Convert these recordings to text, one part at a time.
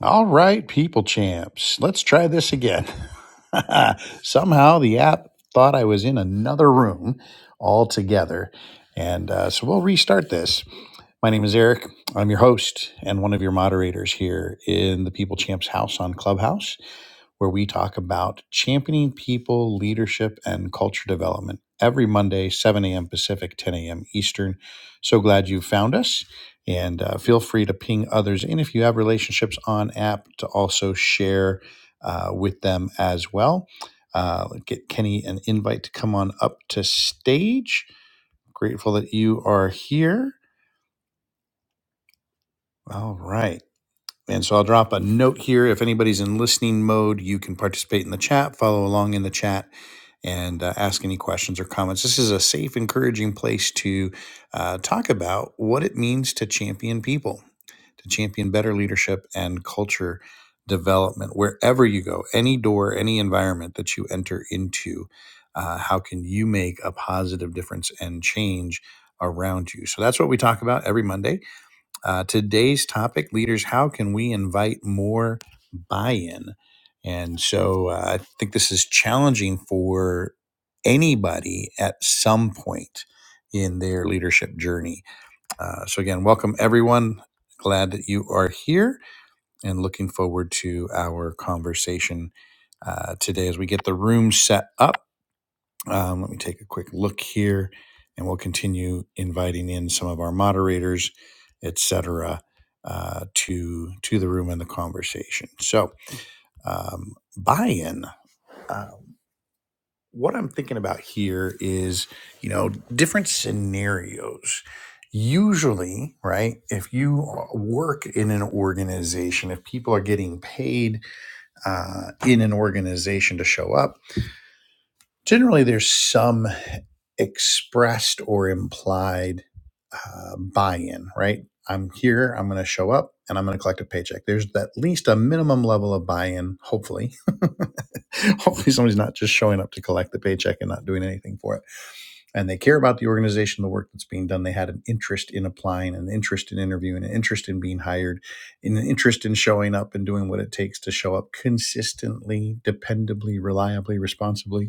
All right, people champs, let's try this again. Somehow the app thought I was in another room altogether. And uh, so we'll restart this. My name is Eric. I'm your host and one of your moderators here in the People Champs house on Clubhouse where we talk about championing people, leadership, and culture development every Monday, 7 a.m. Pacific, 10 a.m. Eastern. So glad you found us. And uh, feel free to ping others. And if you have relationships on app, to also share uh, with them as well. Uh, get Kenny an invite to come on up to stage. Grateful that you are here. All right. And so I'll drop a note here. If anybody's in listening mode, you can participate in the chat, follow along in the chat, and uh, ask any questions or comments. This is a safe, encouraging place to uh, talk about what it means to champion people, to champion better leadership and culture development, wherever you go, any door, any environment that you enter into. Uh, how can you make a positive difference and change around you? So that's what we talk about every Monday uh, today's topic, leaders, how can we invite more buy in? And so uh, I think this is challenging for anybody at some point in their leadership journey. Uh, so, again, welcome everyone. Glad that you are here and looking forward to our conversation uh, today as we get the room set up. Um, let me take a quick look here, and we'll continue inviting in some of our moderators, etc., uh, to to the room and the conversation. So, um, buy-in. Uh, what I'm thinking about here is, you know, different scenarios. Usually, right? If you uh, work in an organization, if people are getting paid uh, in an organization to show up Generally, there's some expressed or implied uh, buy-in, right? I'm here, I'm going to show up, and I'm going to collect a paycheck. There's at least a minimum level of buy-in, hopefully. hopefully somebody's not just showing up to collect the paycheck and not doing anything for it. And they care about the organization, the work that's being done. They had an interest in applying, an interest in interviewing, an interest in being hired, an interest in showing up and doing what it takes to show up consistently, dependably, reliably, responsibly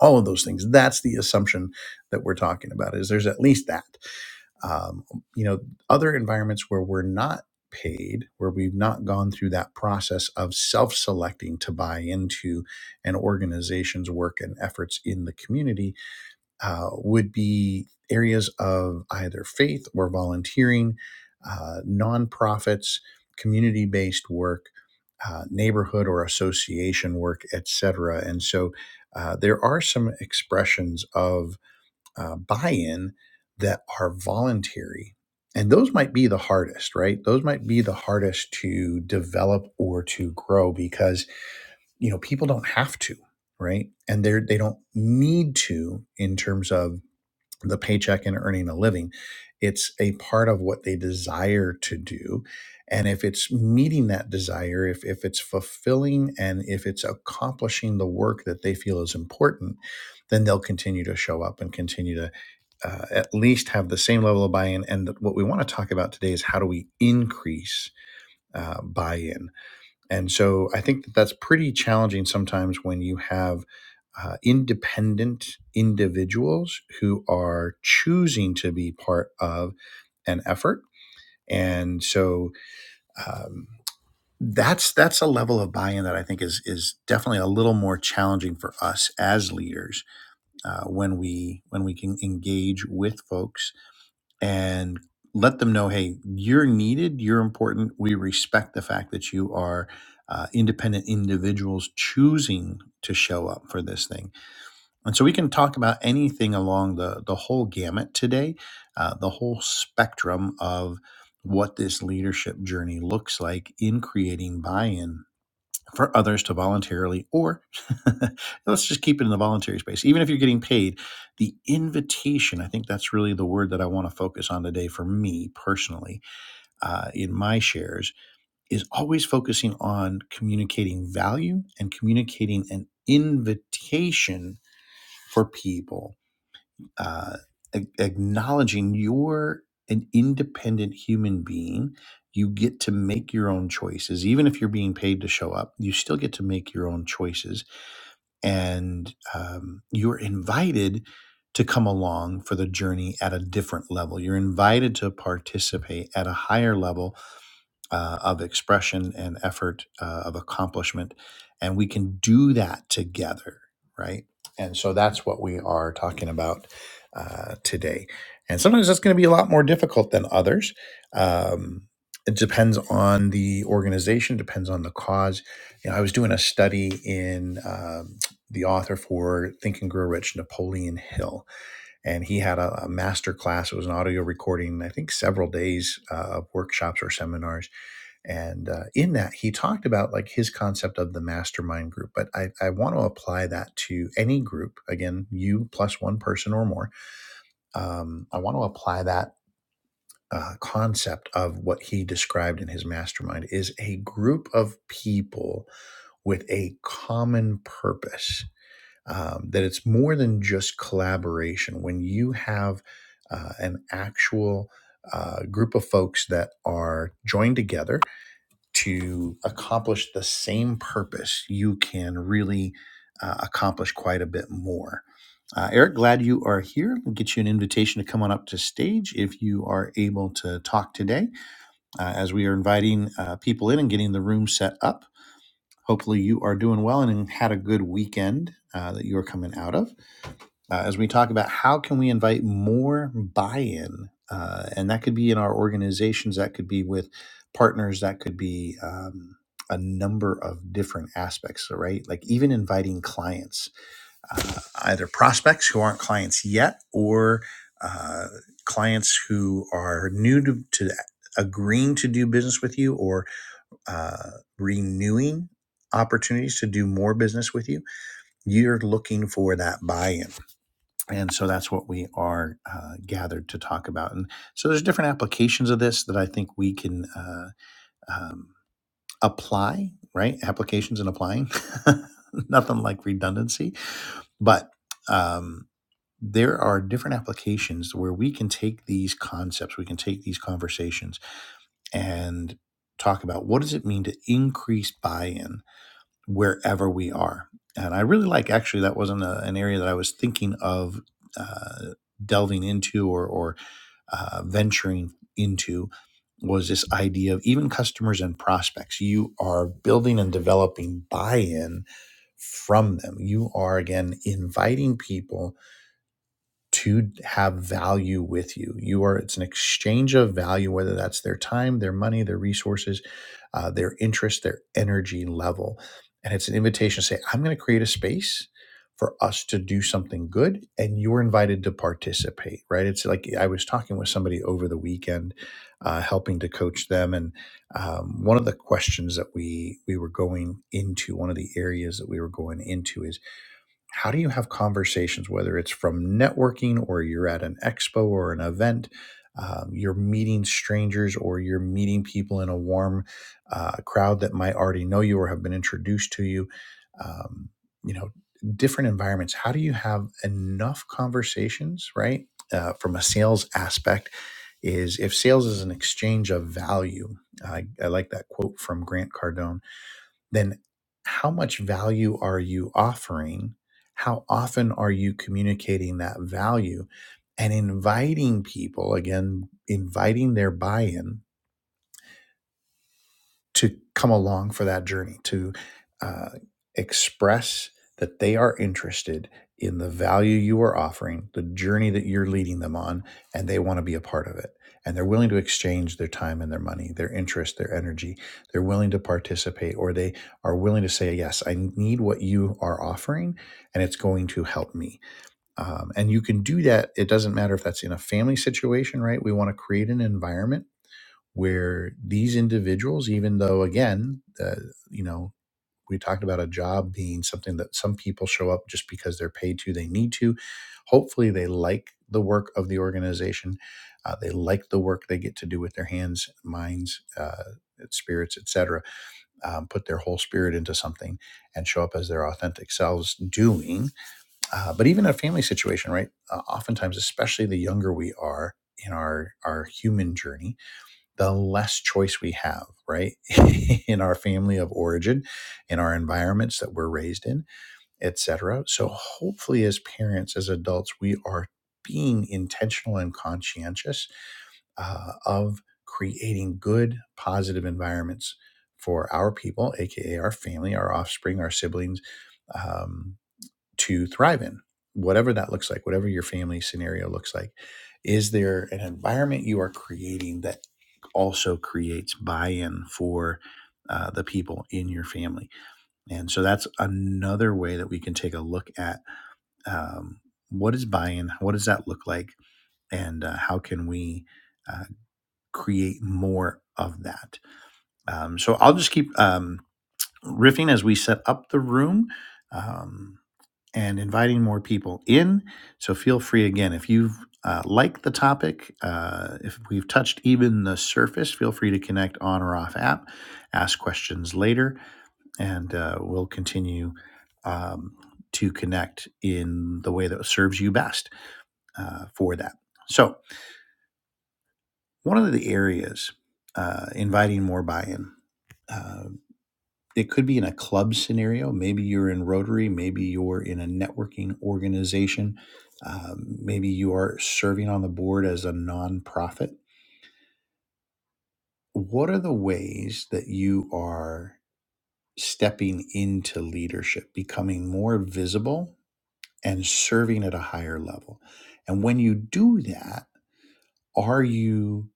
all of those things that's the assumption that we're talking about is there's at least that um, you know other environments where we're not paid where we've not gone through that process of self-selecting to buy into an organization's work and efforts in the community uh, would be areas of either faith or volunteering, uh, nonprofits, community based work, uh, neighborhood or association work, etc. And so uh, there are some expressions of uh, buy in that are voluntary. And those might be the hardest, right? Those might be the hardest to develop or to grow because, you know, people don't have to, right? And they're, they don't need to in terms of the paycheck and earning a living. It's a part of what they desire to do. And if it's meeting that desire, if, if it's fulfilling and if it's accomplishing the work that they feel is important, then they'll continue to show up and continue to uh, at least have the same level of buy in. And what we want to talk about today is how do we increase uh, buy in? And so I think that that's pretty challenging sometimes when you have uh, independent individuals who are choosing to be part of an effort. And so um, that's that's a level of buy-in that I think is is definitely a little more challenging for us as leaders uh, when we when we can engage with folks and let them know hey you're needed you're important we respect the fact that you are uh, independent individuals choosing to show up for this thing and so we can talk about anything along the the whole gamut today uh, the whole spectrum of what this leadership journey looks like in creating buy-in for others to voluntarily, or let's just keep it in the voluntary space. Even if you're getting paid, the invitation, I think that's really the word that I want to focus on today for me personally uh, in my shares, is always focusing on communicating value and communicating an invitation for people uh, a- acknowledging you're an independent human being. You get to make your own choices. Even if you're being paid to show up, you still get to make your own choices. And um, you're invited to come along for the journey at a different level. You're invited to participate at a higher level uh, of expression and effort uh, of accomplishment and we can do that together right and so that's what we are talking about uh, today and sometimes that's going to be a lot more difficult than others um, it depends on the organization depends on the cause you know i was doing a study in um, the author for think and grow rich napoleon hill and he had a, a master class it was an audio recording i think several days uh, of workshops or seminars and uh, in that he talked about like his concept of the mastermind group but i, I want to apply that to any group again you plus one person or more um, i want to apply that uh, concept of what he described in his mastermind is a group of people with a common purpose um, that it's more than just collaboration when you have uh, an actual uh, group of folks that are joined together to accomplish the same purpose, you can really uh, accomplish quite a bit more. Uh, Eric, glad you are here. We'll get you an invitation to come on up to stage if you are able to talk today, uh, as we are inviting uh, people in and getting the room set up. Hopefully, you are doing well and had a good weekend uh, that you are coming out of uh, as we talk about how can we invite more buy-in uh, and that could be in our organizations that could be with partners that could be um, a number of different aspects right like even inviting clients either prospects who aren't clients yet or uh, clients who are new to, to agreeing to do business with you or uh, renewing opportunities to do more business with you you're looking for that buy-in and so that's what we are uh, gathered to talk about and so there's different applications of this that i think we can uh, um, apply right applications and applying nothing like redundancy but um, there are different applications where we can take these concepts we can take these conversations and talk about what does it mean to increase buy-in wherever we are. And I really like actually that wasn't a, an area that I was thinking of uh, delving into or, or uh, venturing into was this idea of even customers and prospects. You are building and developing buy-in from them. You are again inviting people to have value with you. You are, it's an exchange of value, whether that's their time, their money, their resources, uh, their interest, their energy level. And it's an invitation to say, I'm going to create a space for us to do something good, and you're invited to participate, right? It's like I was talking with somebody over the weekend, uh, helping to coach them. And um, one of the questions that we, we were going into, one of the areas that we were going into is, how do you have conversations whether it's from networking or you're at an expo or an event um, you're meeting strangers or you're meeting people in a warm uh, crowd that might already know you or have been introduced to you um, you know different environments how do you have enough conversations right uh, from a sales aspect is if sales is an exchange of value I, I like that quote from grant cardone then how much value are you offering? How often are you communicating that value and inviting people, again, inviting their buy in to come along for that journey, to uh, express that they are interested in the value you are offering, the journey that you're leading them on, and they want to be a part of it. And they're willing to exchange their time and their money, their interest, their energy. They're willing to participate, or they are willing to say, Yes, I need what you are offering, and it's going to help me. Um, and you can do that. It doesn't matter if that's in a family situation, right? We want to create an environment where these individuals, even though again, uh, you know, we talked about a job being something that some people show up just because they're paid to, they need to. Hopefully, they like the work of the organization, uh, they like the work they get to do with their hands, minds, uh, spirits, etc. Um, put their whole spirit into something and show up as their authentic selves doing. Uh, but even in a family situation, right? Uh, oftentimes, especially the younger we are in our our human journey the less choice we have, right? in our family of origin, in our environments that we're raised in, etc. So hopefully as parents, as adults, we are being intentional and conscientious uh, of creating good, positive environments for our people, aka our family, our offspring, our siblings, um, to thrive in, whatever that looks like, whatever your family scenario looks like. Is there an environment you are creating that also creates buy in for uh, the people in your family? And so that's another way that we can take a look at um, what is buy in, what does that look like, and uh, how can we uh, create more of that? Um, so I'll just keep um, riffing as we set up the room. Um, and inviting more people in. So feel free again. If you've uh, liked the topic, uh, if we've touched even the surface, feel free to connect on or off app, ask questions later, and uh, we'll continue um, to connect in the way that serves you best uh, for that. So, one of the areas uh, inviting more buy in it could be in a club scenario. Maybe you're in Rotary. Maybe you're in a networking organization. Um, maybe you are serving on the board as a nonprofit. What are the ways that you are stepping into leadership, becoming more visible and serving at a higher level? And when you do that, are you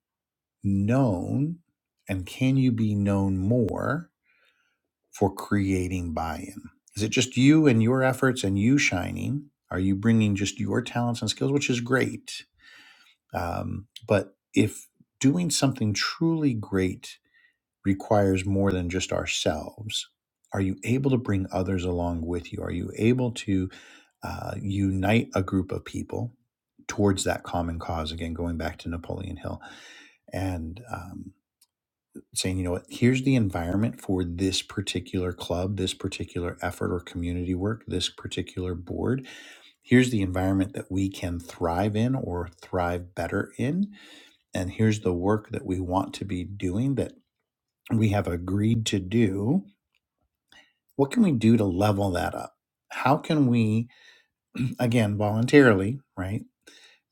known and can you be known more? for creating buy-in? Is it just you and your efforts and you shining? Are you bringing just your talents and skills, which is great? Um, but if doing something truly great requires more than just ourselves, are you able to bring others along with you? Are you able to uh, unite a group of people towards that common cause? Again, going back to Napoleon Hill and um, saying, you know what, here's the environment for this particular club, this particular effort or community work, this particular board. Here's the environment that we can thrive in or thrive better in. And here's the work that we want to be doing that we have agreed to do. What can we do to level that up? How can we, again, voluntarily, right?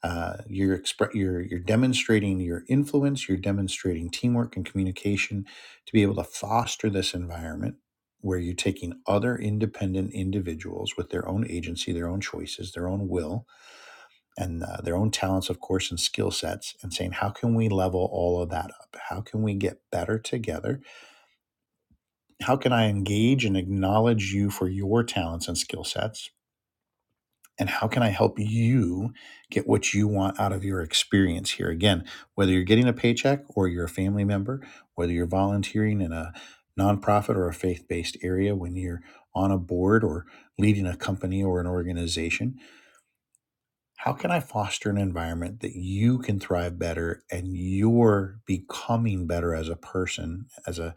Uh, you're, expre- you're you're demonstrating your influence. You're demonstrating teamwork and communication to be able to foster this environment where you're taking other independent individuals with their own agency, their own choices, their own will, and uh, their own talents, of course, and skill sets, and saying, how can we level all of that up? How can we get better together? How can I engage and acknowledge you for your talents and skill sets? and how can I help you get what you want out of your experience here? Again, whether you're getting a paycheck or you're a family member, whether you're volunteering in a nonprofit or a faith based area, when you're on a board or leading a company or an organization, how can I foster an environment that you can thrive better and you're becoming better as a person, as a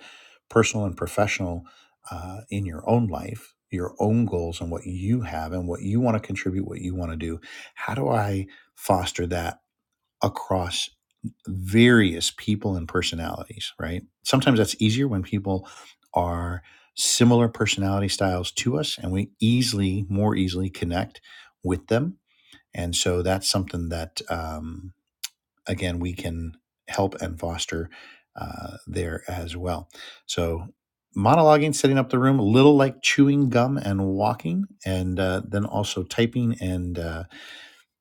personal and professional uh, in your own life, your own goals and what you have and what you want to contribute, what you want to do? How do I foster that across various people and personalities, right? Sometimes that's easier when people are similar personality styles to us and we easily, more easily connect with them and so that's something that, um, again, we can help and foster uh, there as well. So, monologuing, setting up the room, a little like chewing gum and walking, and uh, then also typing and uh,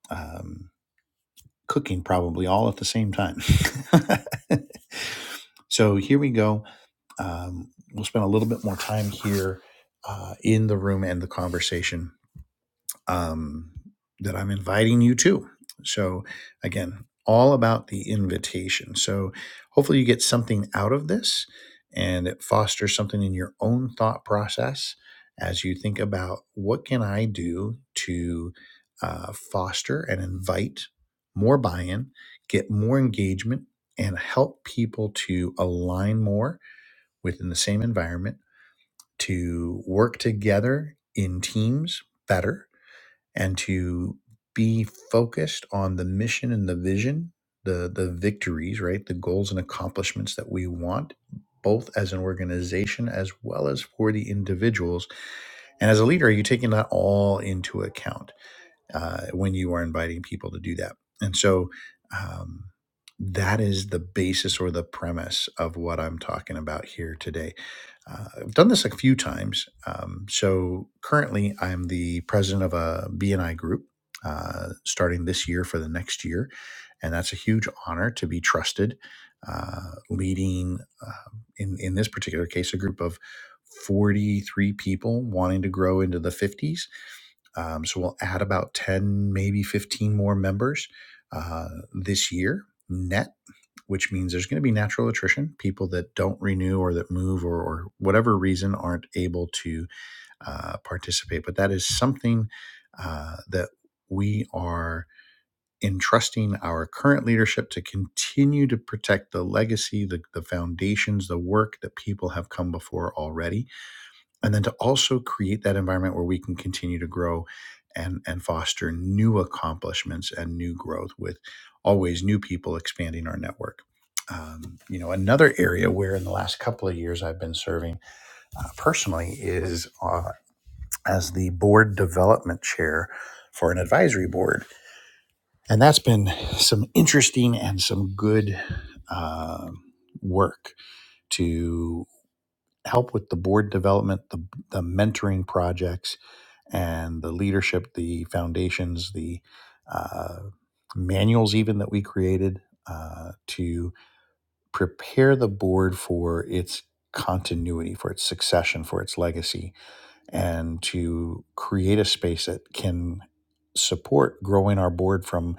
um, cooking, probably all at the same time. so, here we go. Um, we'll spend a little bit more time here uh, in the room and the conversation um, that I'm inviting you to. So, again, all about the invitation. So, hopefully, you get something out of this and it fosters something in your own thought process as you think about what can I do to uh, foster and invite more buy in, get more engagement, and help people to align more within the same environment, to work together in teams better and to be focused on the mission and the vision, the the victories, right? The goals and accomplishments that we want both as an organization as well as for the individuals. And as a leader, are you taking that all into account? uh, when you are inviting people to do that. And so um, that is the basis or the premise of what I'm talking about here today. Uh, I've done this a few times. Um, so currently, I'm the president of a BNI group. Uh, starting this year for the next year. And that's a huge honor to be trusted, uh, leading, uh, in, in this particular case, a group of 43 people wanting to grow into the 50s um, so we'll add about 10, maybe 15 more members uh, this year net, which means there's going to be natural attrition, people that don't renew or that move or, or whatever reason aren't able to uh, participate. But that is something uh, that we are entrusting our current leadership to continue to protect the legacy, the, the foundations, the work that people have come before already and then to also create that environment where we can continue to grow and and foster new accomplishments and new growth with always new people expanding our network um, you know another area where in the last couple of years i've been serving uh, personally is uh, as the board development chair for an advisory board and that's been some interesting and some good um work to help with the board development the, the mentoring projects and the leadership, the foundations, the uh, manuals, even that we created uh, to prepare the board for its continuity, for its succession, for its legacy, and to create a space that can support growing our board from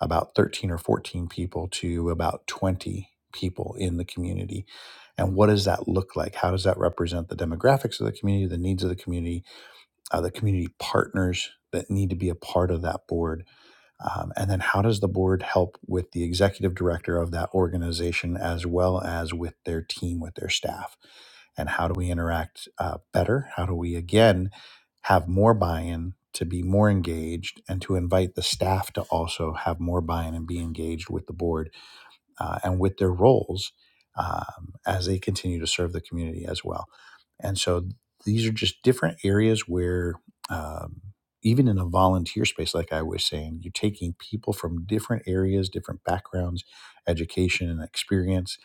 about 13 or 14 people to about 20 people in the community. And what does that look like? How does that represent the demographics of the community, the needs of the community? uh, the community partners that need to be a part of that board? Um, and then how does the board help with the executive director of that organization as well as with their team, with their staff? And how do we interact uh, better? How do we, again, have more buy in to be more engaged and to invite the staff to also have more buy in and be engaged with the board? uh, and with their roles um, as they continue to serve the community as well. And so these are just different areas where, um, even in a volunteer space, like I was saying, you're taking people from different areas, different backgrounds, education, and experience,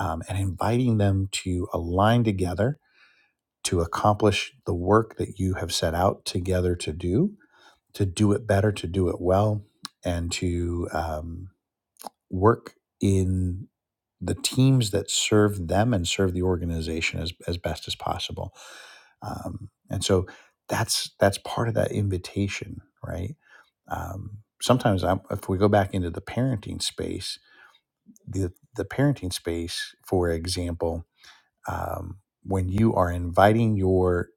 um, and inviting them to align together to accomplish the work that you have set out together to do, to do it better, to do it well, and to um, work. in the teams that serve them and serve the organization as, as best as possible. Um, and so that's that's part of that invitation, right? Um, sometimes I'm, if we go back into the parenting space, the the parenting space, for example, um, when you are inviting your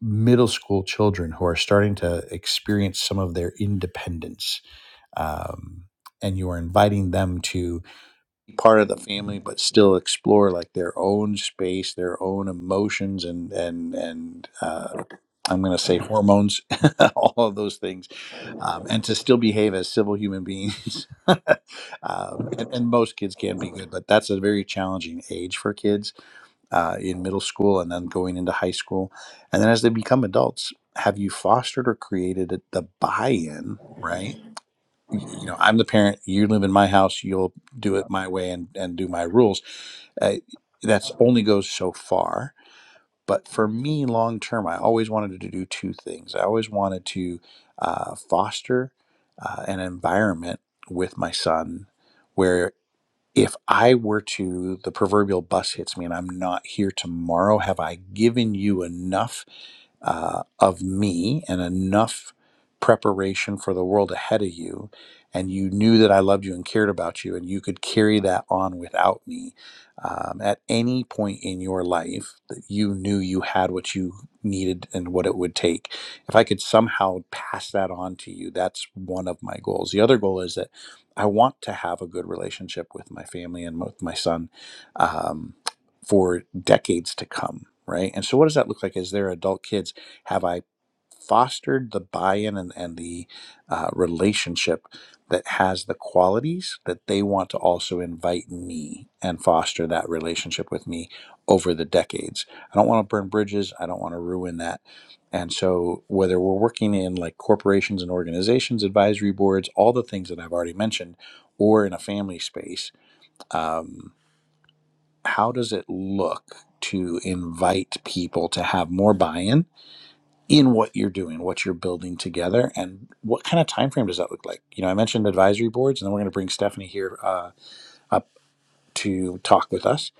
middle school children who are starting to experience some of their independence um, and you are inviting them to be part of the family but still explore like their own space their own emotions and and and uh, i'm going to say hormones all of those things um, and to still behave as civil human beings um, and, and most kids can be good but that's a very challenging age for kids uh, in middle school and then going into high school and then as they become adults have you fostered or created the buy-in right y- you know i'm the parent you live in my house you'll do it my way and and do my rules uh, that's only goes so far but for me long term i always wanted to do two things i always wanted to uh, foster uh, an environment with my son where if i were to the proverbial bus hits me and i'm not here tomorrow have i given you enough uh, of me and enough preparation for the world ahead of you and you knew that i loved you and cared about you and you could carry that on without me um, at any point in your life that you knew you had what you needed and what it would take if i could somehow pass that on to you that's one of my goals the other goal is that i want to have a good relationship with my family and with my son um, for decades to come right and so what does that look like as they're adult kids have I fostered the buy-in and, and the uh, relationship that has the qualities that they want to also invite me and foster that relationship with me over the decades i don't want to burn bridges i don't want to ruin that and so whether we're working in like corporations and organizations advisory boards all the things that i've already mentioned or in a family space um, how does it look to invite people to have more buy-in in what you're doing, what you're building together, and what kind of time frame does that look like? You know, I mentioned advisory boards, and then we're going to bring Stephanie here uh, up to talk with us.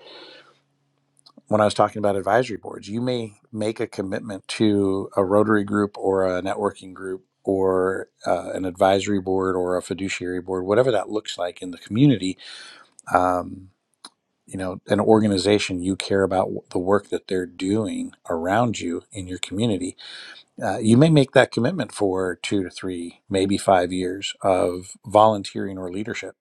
When I was talking about advisory boards, you may make a commitment to a Rotary group or a networking group or uh, an advisory board or a fiduciary board, whatever that looks like in the community. Um, you know, an organization you care about the work that they're doing around you in your community uh, you may make that commitment for two to three, maybe five years of volunteering or leadership.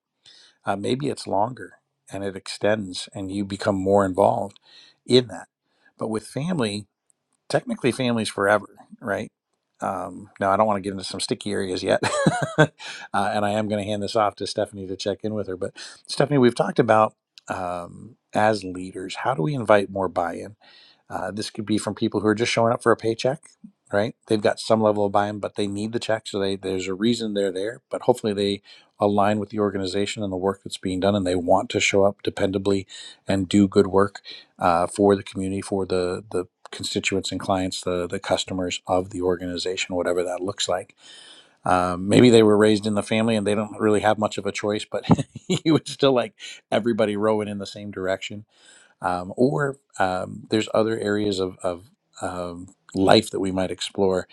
Uh, maybe it's longer and it extends and you become more involved in that. But with family, technically family's forever, right? Um, now, I don't want to get into some sticky areas yet. uh, and I am going to hand this off to Stephanie to check in with her. But Stephanie, we've talked about um, as leaders, how do we invite more buy in? Uh, this could be from people who are just showing up for a paycheck, right? They've got some level of buy-in, but they need the check, so they, there's a reason they're there. But hopefully, they align with the organization and the work that's being done, and they want to show up dependably and do good work uh, for the community, for the the constituents and clients, the the customers of the organization, whatever that looks like. Um, maybe they were raised in the family and they don't really have much of a choice, but you would still like everybody rowing in the same direction um, or um, there's other areas of, of um, life that we might explore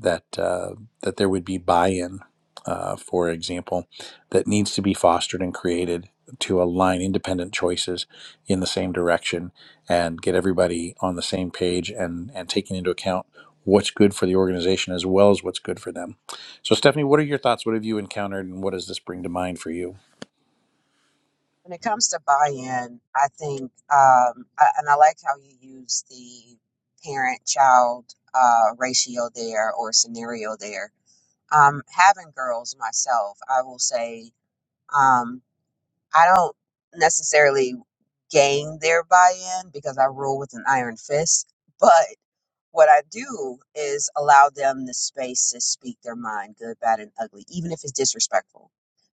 that uh, that there would be buy-in, uh, for example, that needs to be fostered and created to align independent choices in the same direction and get everybody on the same page and and taking into account what's good for the organization as well as what's good for them. So Stephanie, what are your thoughts? What have you encountered and what does this bring to mind for you? When it comes to buy-in, I think, um, I, and I like how you use the parent-child uh, ratio there or scenario there. Um, having girls myself, I will say, um, I don't necessarily gain their buy-in because I rule with an iron fist. But what I do is allow them the space to speak their mind, good, bad, and ugly, even if it's disrespectful.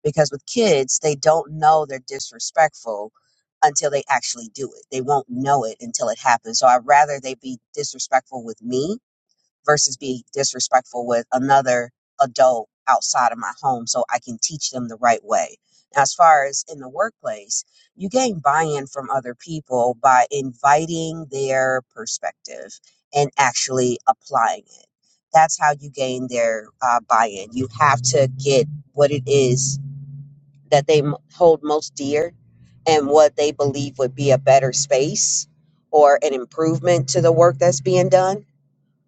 Because with kids, they don't know they're disrespectful until they actually do it. They won't know it until it happens. So I'd rather they be disrespectful with me versus be disrespectful with another adult outside of my home so I can teach them the right way. Now, as far as in the workplace, you gain buy in from other people by inviting their perspective and actually applying it. That's how you gain their uh, buy in. You have to get what it is that they m- hold most dear and what they believe would be a better space or an improvement to the work that's being done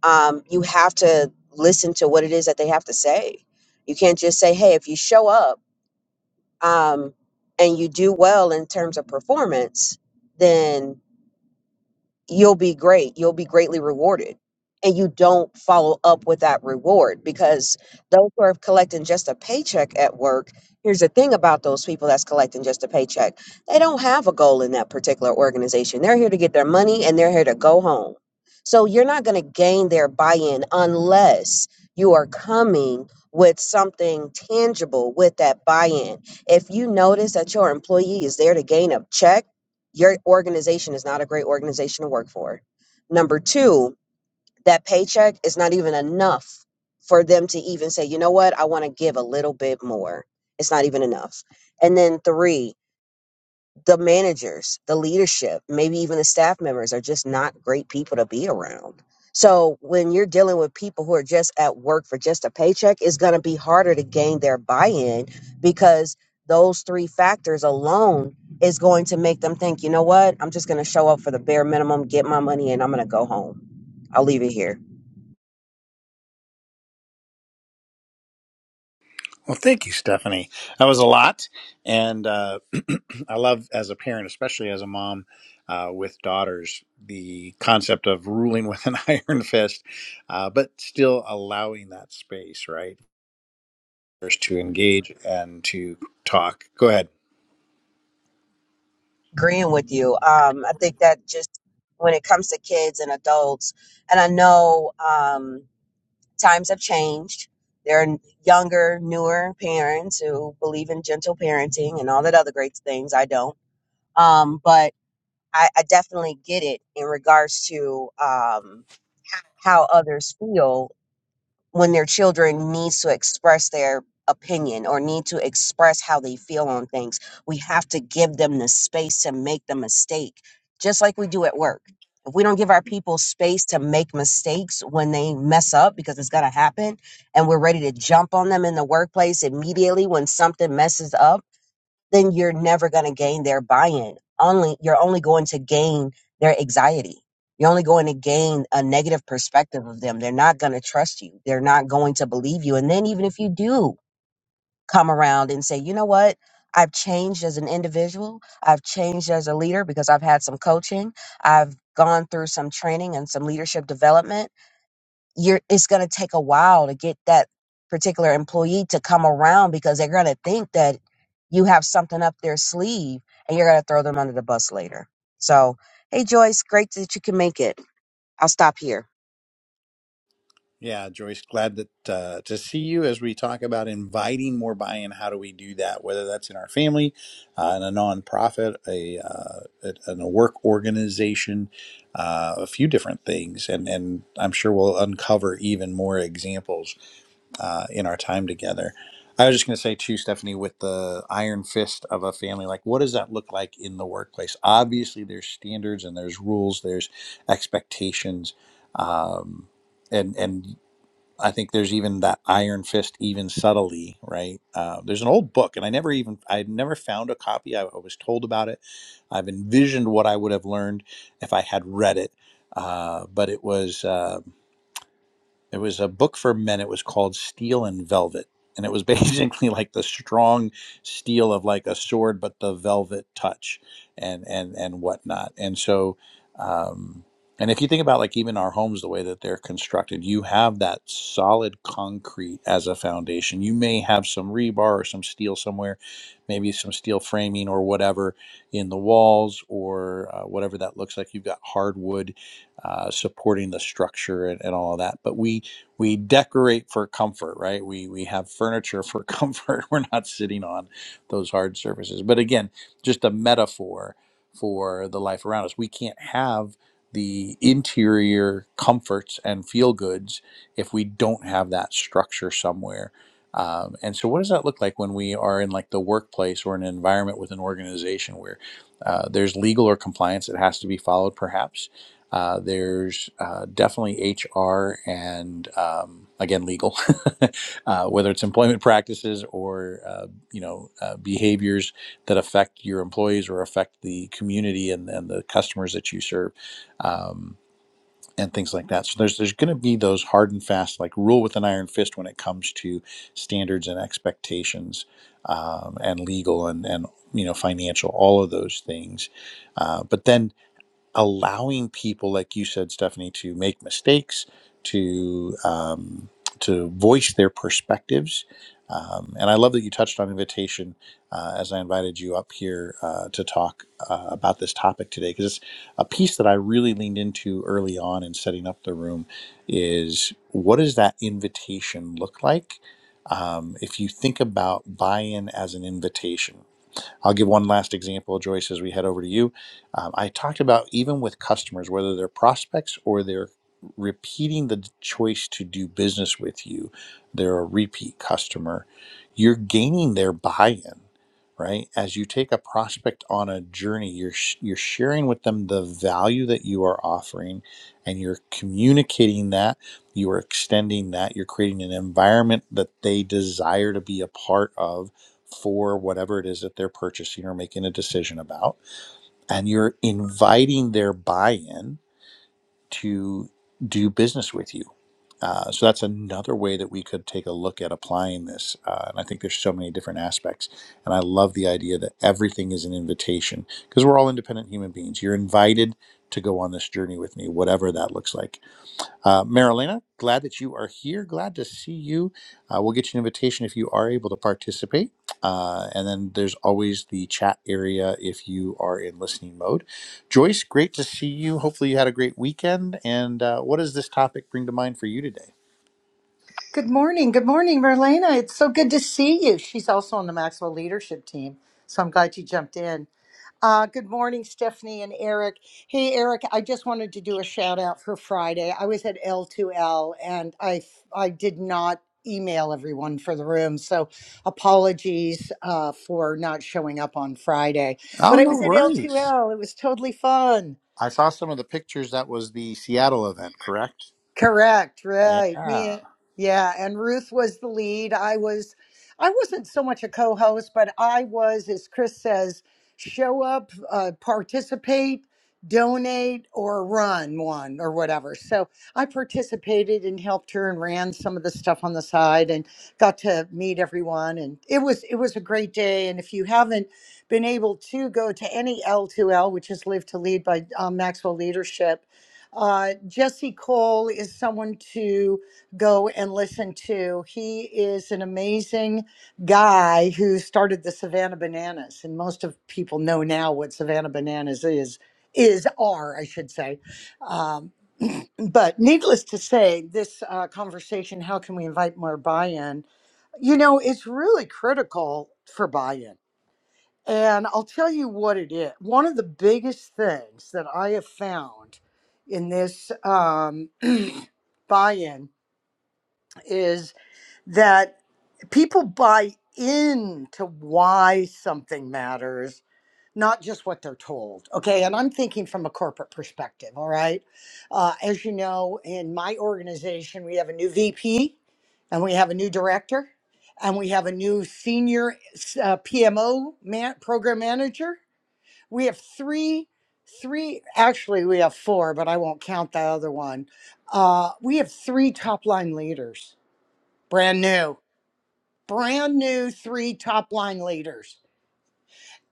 um, you have to listen to what it is that they have to say. You can't just say, hey, if you show up um, and you do well in terms of performance, then." you'll be great. You'll be greatly rewarded. And you don't follow up with that reward because those who are collecting just a paycheck at work, here's the thing about those people that's collecting just a paycheck. They don't have a goal in that particular organization. They're here to get their money and they're here to go home. So you're not going to gain their buy in unless you are coming with something tangible with that buy in. If you notice that your employee is there to gain a check, your organization is not a great organization to work for. Number two, that paycheck is not even enough for them to even say, you know what, I want to give a little bit more. It's not even enough. And then three, the managers, the leadership, maybe even the staff members are just not great people to be around. So when you're dealing with people who are just at work for just a paycheck, it's going to be harder to gain their buy-in because those three factors alone is going to make them think, you know what? I'm just going to show up for the bare minimum, get my money, and I'm going to go home. I'll leave it here. Well, thank you, Stephanie. That was a lot, and uh, I love as a parent, especially as a mom uh, with daughters, the concept of ruling with an iron fist, uh, but still allowing that space, right, first to engage and to talk. Go ahead. Agreeing with you. Um, I think that just when it comes to kids and adults, and I know. Um, times have changed. There are younger, newer parents who believe in gentle parenting and all that other great things. I don't. Um, but I, I definitely get it in regards to um, how others feel when their children needs to express their opinion or need to express how they feel on things we have to give them the space to make the mistake just like we do at work if we don't give our people space to make mistakes when they mess up because it's going to happen and we're ready to jump on them in the workplace immediately when something messes up then you're never going to gain their buy-in. Only you're only going to gain their anxiety. You're only going to gain a negative perspective of them. They're not going to trust you. They're not going to believe you. And then even if you do come around and say, "You know what? I've changed as an individual. I've changed as a leader because I've had some coaching. I've gone through some training and some leadership development." you're it's going to take a while to get that particular employee to come around because they're going to think that you have something up their sleeve and you're going to throw them under the bus later so hey joyce great that you can make it i'll stop here Yeah, Joyce, glad that uh, to see you as we talk about inviting more buy-in. How do we do that? Whether that's in our family, uh, in a nonprofit, a uh, at- in a work organization, uh, a few different things, and and I'm sure we'll uncover even more examples uh, in our time together. I was just going to say too, Stephanie, with the iron fist of a family, like what does that look like in the workplace? Obviously, there's standards and there's rules, there's expectations. Um, and and I think there's even that iron fist, even subtly, right? Uh, there's an old book, and I never even I never found a copy. I, I was told about it. I've envisioned what I would have learned if I had read it, uh, but it was. uh, it was a book for men. It was called Steel and Velvet. And it was basically like the strong steel of like a sword, but the velvet touch and and and whatnot. And so, um, and if you think about like even our homes, the way that they're constructed, you have that solid concrete as a foundation. You may have some rebar or some steel somewhere, maybe some steel framing or whatever in the walls or uh, whatever that looks like. You've got hardwood uh, supporting the structure and, and all of that. But we we decorate for comfort, right? We we have furniture for comfort. We're not sitting on those hard surfaces. But again, just a metaphor for the life around us. We can't have the interior comforts and feel goods if we don't have that structure somewhere. Um, and so, what does that look like when we are in like the workplace or an environment with an organization where uh, there's legal or compliance that has to be followed, perhaps? Uh, there's uh, definitely HR and um, again legal, uh, whether it's employment practices or uh, you know uh, behaviors that affect your employees or affect the community and, and the customers that you serve, um, and things like that. So there's there's going to be those hard and fast like rule with an iron fist when it comes to standards and expectations um, and legal and and you know financial all of those things, uh, but then allowing people, like you said, Stephanie, to make mistakes, to um, to voice their perspectives. Um, and I love that you touched on invitation uh, as I invited you up here uh, to talk uh, about this topic today, because it's a piece that I really leaned into early on in setting up the room. Is what does that invitation look like? Um, if you think about buy-in as an invitation, I'll give one last example, Joyce, as we head over to you. Um, I talked about even with customers, whether they're prospects or they're repeating the choice to do business with you, they're a repeat customer, you're gaining their buy in. Right as you take a prospect on a journey, you're sh- you're sharing with them the value that you are offering, and you're communicating that you are extending that you're creating an environment that they desire to be a part of for whatever it is that they're purchasing or making a decision about. And you're inviting their buy in to do business with you. Uh, so that's another way that we could take a look at applying this. Uh, and I think there's so many different aspects. And I love the idea that everything is an invitation because we're all independent human beings. You're invited to go on this journey with me, whatever that looks like uh, Marilena, glad that you are here. Glad to see you. Uh, we'll get you an invitation if you are able to participate. Uh, and then there's always the chat area if you are in listening mode. Joyce, great to see you. Hopefully, you had a great weekend. And uh, what does this topic bring to mind for you today? Good morning. Good morning, Marlena. It's so good to see you. She's also on the Maxwell leadership team. So I'm glad you jumped in. Uh, good morning, Stephanie and Eric. Hey, Eric, I just wanted to do a shout out for Friday. I was at L2L and I, I did not email everyone for the room. So apologies uh, for not showing up on Friday. But Oh, I no was at worries. L2L. It was totally fun. I saw some of the pictures. That was the Seattle event, correct? Correct, right. Yeah. Me, yeah, and Ruth was the lead. I was I wasn't so much a co-host, but I was, as Chris says, show up, uh, participate, donate, or run one or whatever. So I participated and helped her and ran some of the stuff on the side and got to meet everyone. And it was it was a great day. And if you haven't been able to go to any L2L, which is Live to Lead by um, Maxwell Leadership, uh, Jesse Cole is someone to go and listen to. He is an amazing guy who started the Savannah Bananas, and most of people know now what Savannah Bananas is is are I should say. Um, but needless to say, this uh, conversation: how can we invite more buy-in? You know, it's really critical for buy-in and I'll tell you what it is. One of the biggest things that I have found in this um, buy in is that people buy into why something matters, not just what they're told. Okay. And I'm thinking from a corporate perspective. All right. Uh, as you know, in my organization, we have a new VP and we have a new director and we have a new senior uh, PMO man, program manager we have three three actually we have four but i won't count that other one uh, we have three top line leaders brand new brand new three top line leaders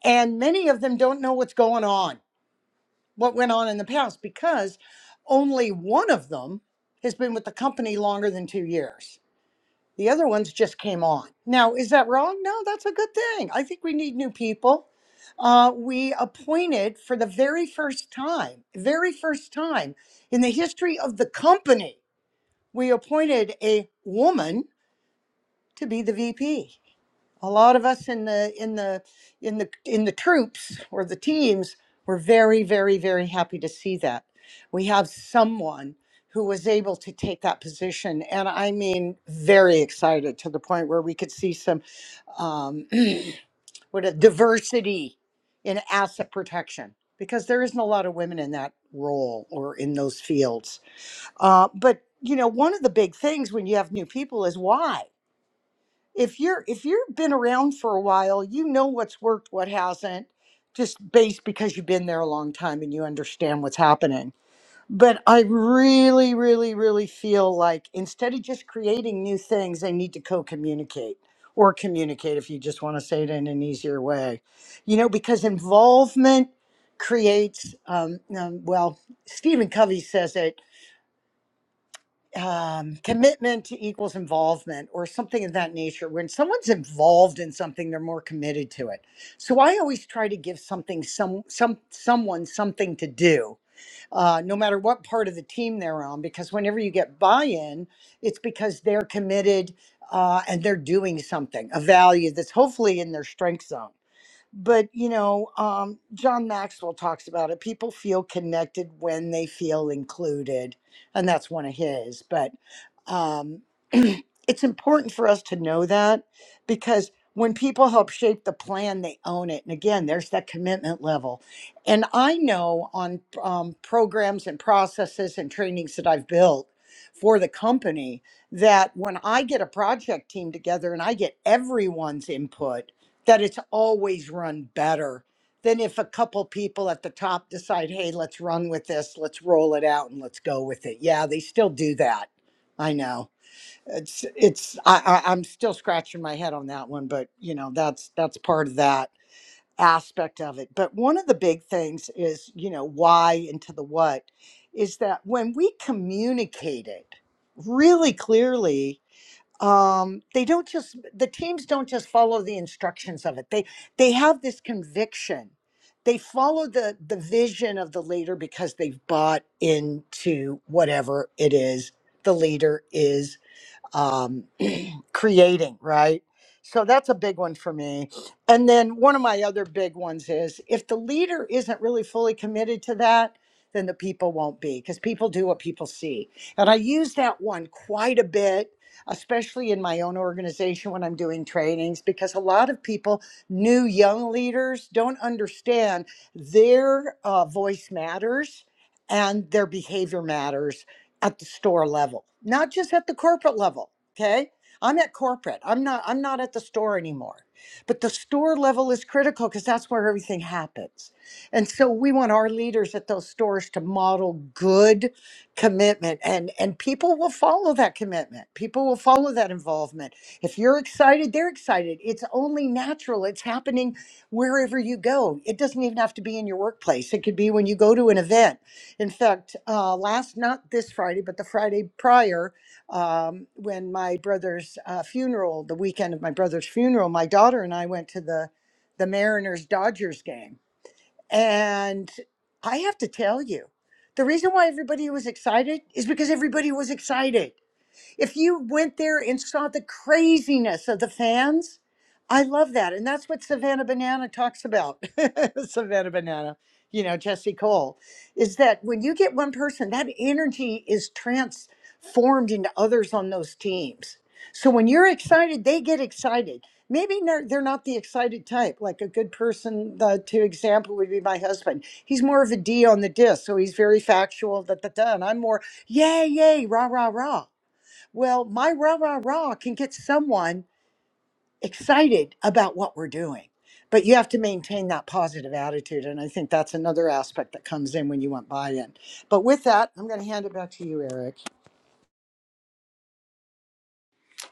and many of them don't know what's going on what went on in the past because only one of them has been with the company longer than two years The other ones just came on. Now, is that wrong? No, that's a good thing. I think we need new people. Uh, we appointed for the very first time, very first time in the history of the company, we appointed a woman to be the VP a lot of us in the in the in the in the troops or the teams were very very very happy to see that we have someone who was able to take that position and i mean very excited to the point where we could see some um, what a diversity in asset protection because there isn't a lot of women in that role or in those fields uh, but you know one of the big things when you have new people is why if you're if you've been around for a while, you know what's worked, what hasn't, just based because you've been there a long time and you understand what's happening. But I really, really, really feel like instead of just creating new things, they need to co-communicate or communicate if you just want to say it in an easier way, you know, because involvement creates um, um, well stephen covey says it um, commitment to equals involvement or something of that nature. When someone's involved in something, they're more committed to it. So I always try to give something, some, some, someone something to do, uh, no matter what part of the team they're on, because whenever you get buy-in, it's because they're committed uh, and they're doing something, a value that's hopefully in their strength zone but you know um, john maxwell talks about it people feel connected when they feel included and that's one of his but um, it's important for us to know that because when people help shape the plan they own it and again there's that commitment level and i know on um, programs and processes and trainings that i've built for the company that when i get a project team together and i get everyone's input that it's always run better than if a couple people at the top decide, hey, let's run with this, let's roll it out, and let's go with it. Yeah, they still do that. I know. It's it's I, I I'm still scratching my head on that one, but you know that's that's part of that aspect of it. But one of the big things is you know why into the what is that when we communicate it really clearly um they don't just the teams don't just follow the instructions of it they they have this conviction they follow the the vision of the leader because they've bought into whatever it is the leader is um, creating, right? So that's a big one for me. And then one of my other big ones is if the leader isn't really fully committed to that, then the people won't be because people do what people see. And I use that one quite a bit, especially in my own organization when I'm doing trainings, because a lot of people, new young leaders, don't understand their uh, voice matters and their behavior matters at the store level, not just at the corporate level. Okay. I'm at corporate. I'm not I'm not at the store anymore. But the store level is critical because that's where everything happens. And so we want our leaders at those stores to model good commitment and and people will follow that commitment. People will follow that involvement. If you're excited, they're excited. It's only natural. It's happening wherever you go. It doesn't even have to be in your workplace. It could be when you go to an event in fact, uh, last, not this Friday, but the Friday prior, um, when my brother's uh, funeral, the weekend of my brother's funeral, my daughter and I went to the, the Mariners Dodgers game. And I have to tell you, the reason why everybody was excited is because everybody was excited. If you went there and saw the craziness of the fans, I love that. And that's what Savannah Banana talks about. Savannah Banana, you know, Jesse Cole, is that when you get one person, that energy is transformed into others on those teams. So when you're excited, they get excited. Maybe they're, they're not the excited type. Like a good person, the to example would be my husband. He's more of a D on the disc, so he's very factual. Da da da. And I'm more yay, yay, rah, rah, rah. Well, my rah rah rah can get someone excited about what we're doing, but you have to maintain that positive attitude. And I think that's another aspect that comes in when you want buy in. But with that, I'm going to hand it back to you, Eric.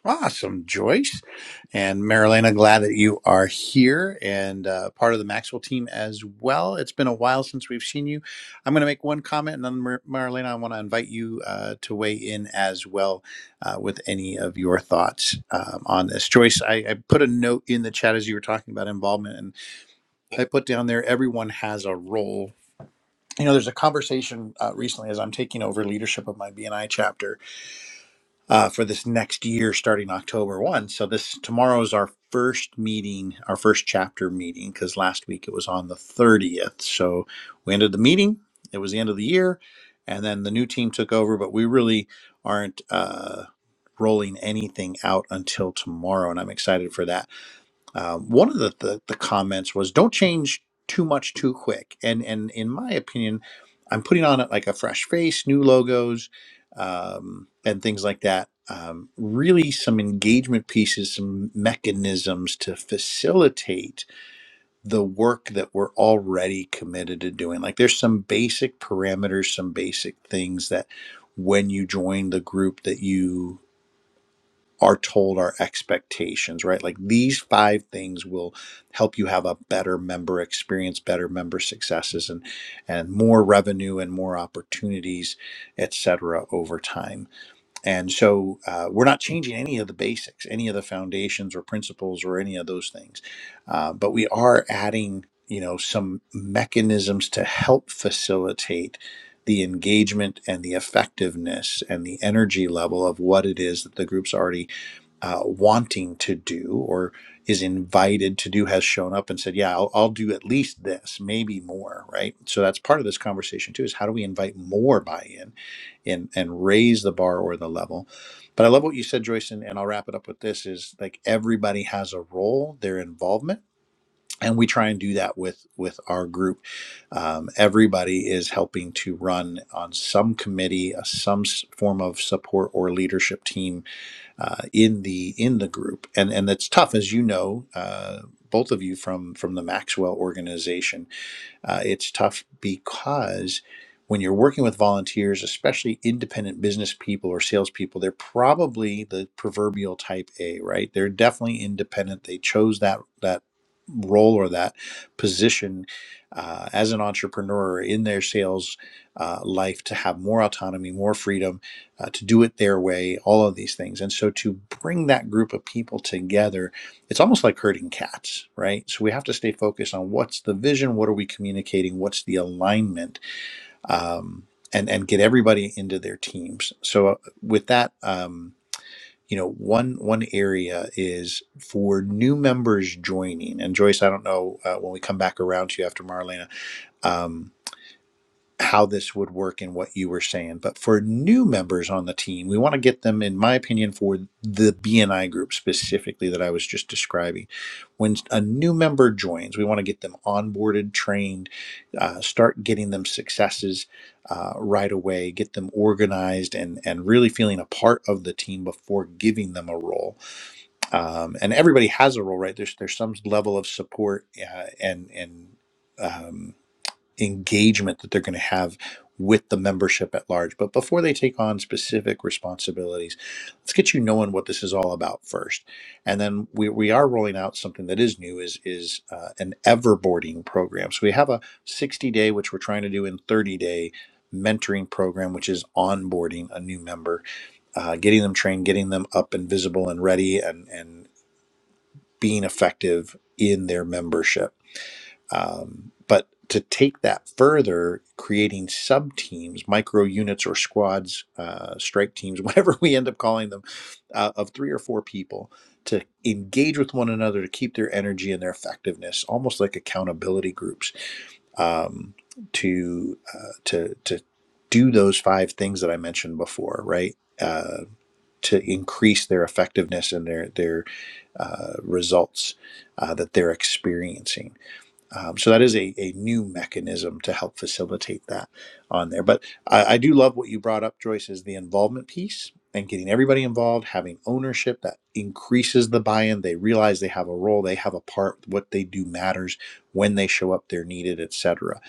Awesome, Joyce. And Marilena, glad that you are here and uh, part of the Maxwell team as well. It's been a while since we've seen you. I'm going to make one comment and then, Mar- Marilena, I want to invite you uh, to weigh in as well uh, with any of your thoughts um, on this. Joyce, I, I put a note in the chat as you were talking about involvement, and I put down there everyone has a role. You know, there's a conversation uh, recently as I'm taking over leadership of my BNI chapter uh, for this next year starting October 1. So this tomorrow is our first meeting, our first chapter meeting, because last week it was on the 30th. So we ended the meeting, it was the end of the year, and then the new team took over, but we really aren't uh, rolling anything out until tomorrow. And I'm excited for that um, one of the, the the comments was, "Don't change too much too quick." And and in my opinion, I'm putting on like a fresh face, new logos, um, and things like that. Um, really, some engagement pieces, some mechanisms to facilitate the work that we're already committed to doing. Like there's some basic parameters, some basic things that when you join the group that you are told our expectations, right? Like these five things will help you have a better member experience, better member successes, and and more revenue and more opportunities, et cetera, over time. And so uh, we're not changing any of the basics, any of the foundations or principles or any of those things, uh, but we are adding, you know, some mechanisms to help facilitate. The engagement and the effectiveness and the energy level of what it is that the group's already uh, wanting to do or is invited to do has shown up and said, Yeah, I'll, I'll do at least this, maybe more, right? So that's part of this conversation too is how do we invite more buy in and, and raise the bar or the level? But I love what you said, Joyce, and, and I'll wrap it up with this is like everybody has a role, their involvement. And we try and do that with with our group. Um, everybody is helping to run on some committee, uh, some s- form of support or leadership team uh, in the in the group, and and that's tough, as you know, uh, both of you from from the Maxwell organization uh, it's tough because when you're working with volunteers, especially independent business people or salespeople, they're probably the proverbial type A, right? They're definitely independent. They chose that that role or that position uh, as an entrepreneur in their sales uh, life to have more autonomy, more freedom, uh, to do it their way, all of these things. And so to bring that group of people together it's almost like herding cats, right? So we have to stay focused on what's the vision, what are we communicating, what's the alignment, um, and and get everybody into their teams. So uh, with that, um, you know, one one area is for new members joining. And Joyce, I don't know uh, when we come back around to you after Marlena. Um, how this would work and what you were saying. But for new members on the team, we want to get them, in my opinion, for the BNI group specifically that I was just describing. When a new member joins, we want to get them onboarded, trained, uh, start getting them successes uh, right away, get them organized and, and really feeling a part of the team before giving them a role. Um, and everybody has a role, right? There's, there's some level of support uh, and, and, um, engagement that they're going to have with the membership at large. But before they take on specific responsibilities, let's get you knowing what this is all about first. And then we, we are rolling out something that is new is is uh, an everboarding program. So we have a 60 day, which we're trying to do in 30 day mentoring program, which is onboarding a new member, uh, getting them trained, getting them up and visible and ready and and being effective in their membership um, but to take that further, creating sub teams, micro units or squads, uh, strike teams, whatever we end up calling them, uh, of three or four people to engage with one another to keep their energy and their effectiveness, almost like accountability groups, um, to uh, to to do those five things that I mentioned before, right? Uh, to increase their effectiveness and their their uh, results uh, that they're experiencing um, so that is a, a new mechanism to help facilitate that on there. But I, I do love what you brought up, Joyce, is the involvement piece and getting everybody involved, having ownership that increases the buy-in. They realize they have a role, they have a part, what they do matters, when they show up, they're needed, etc.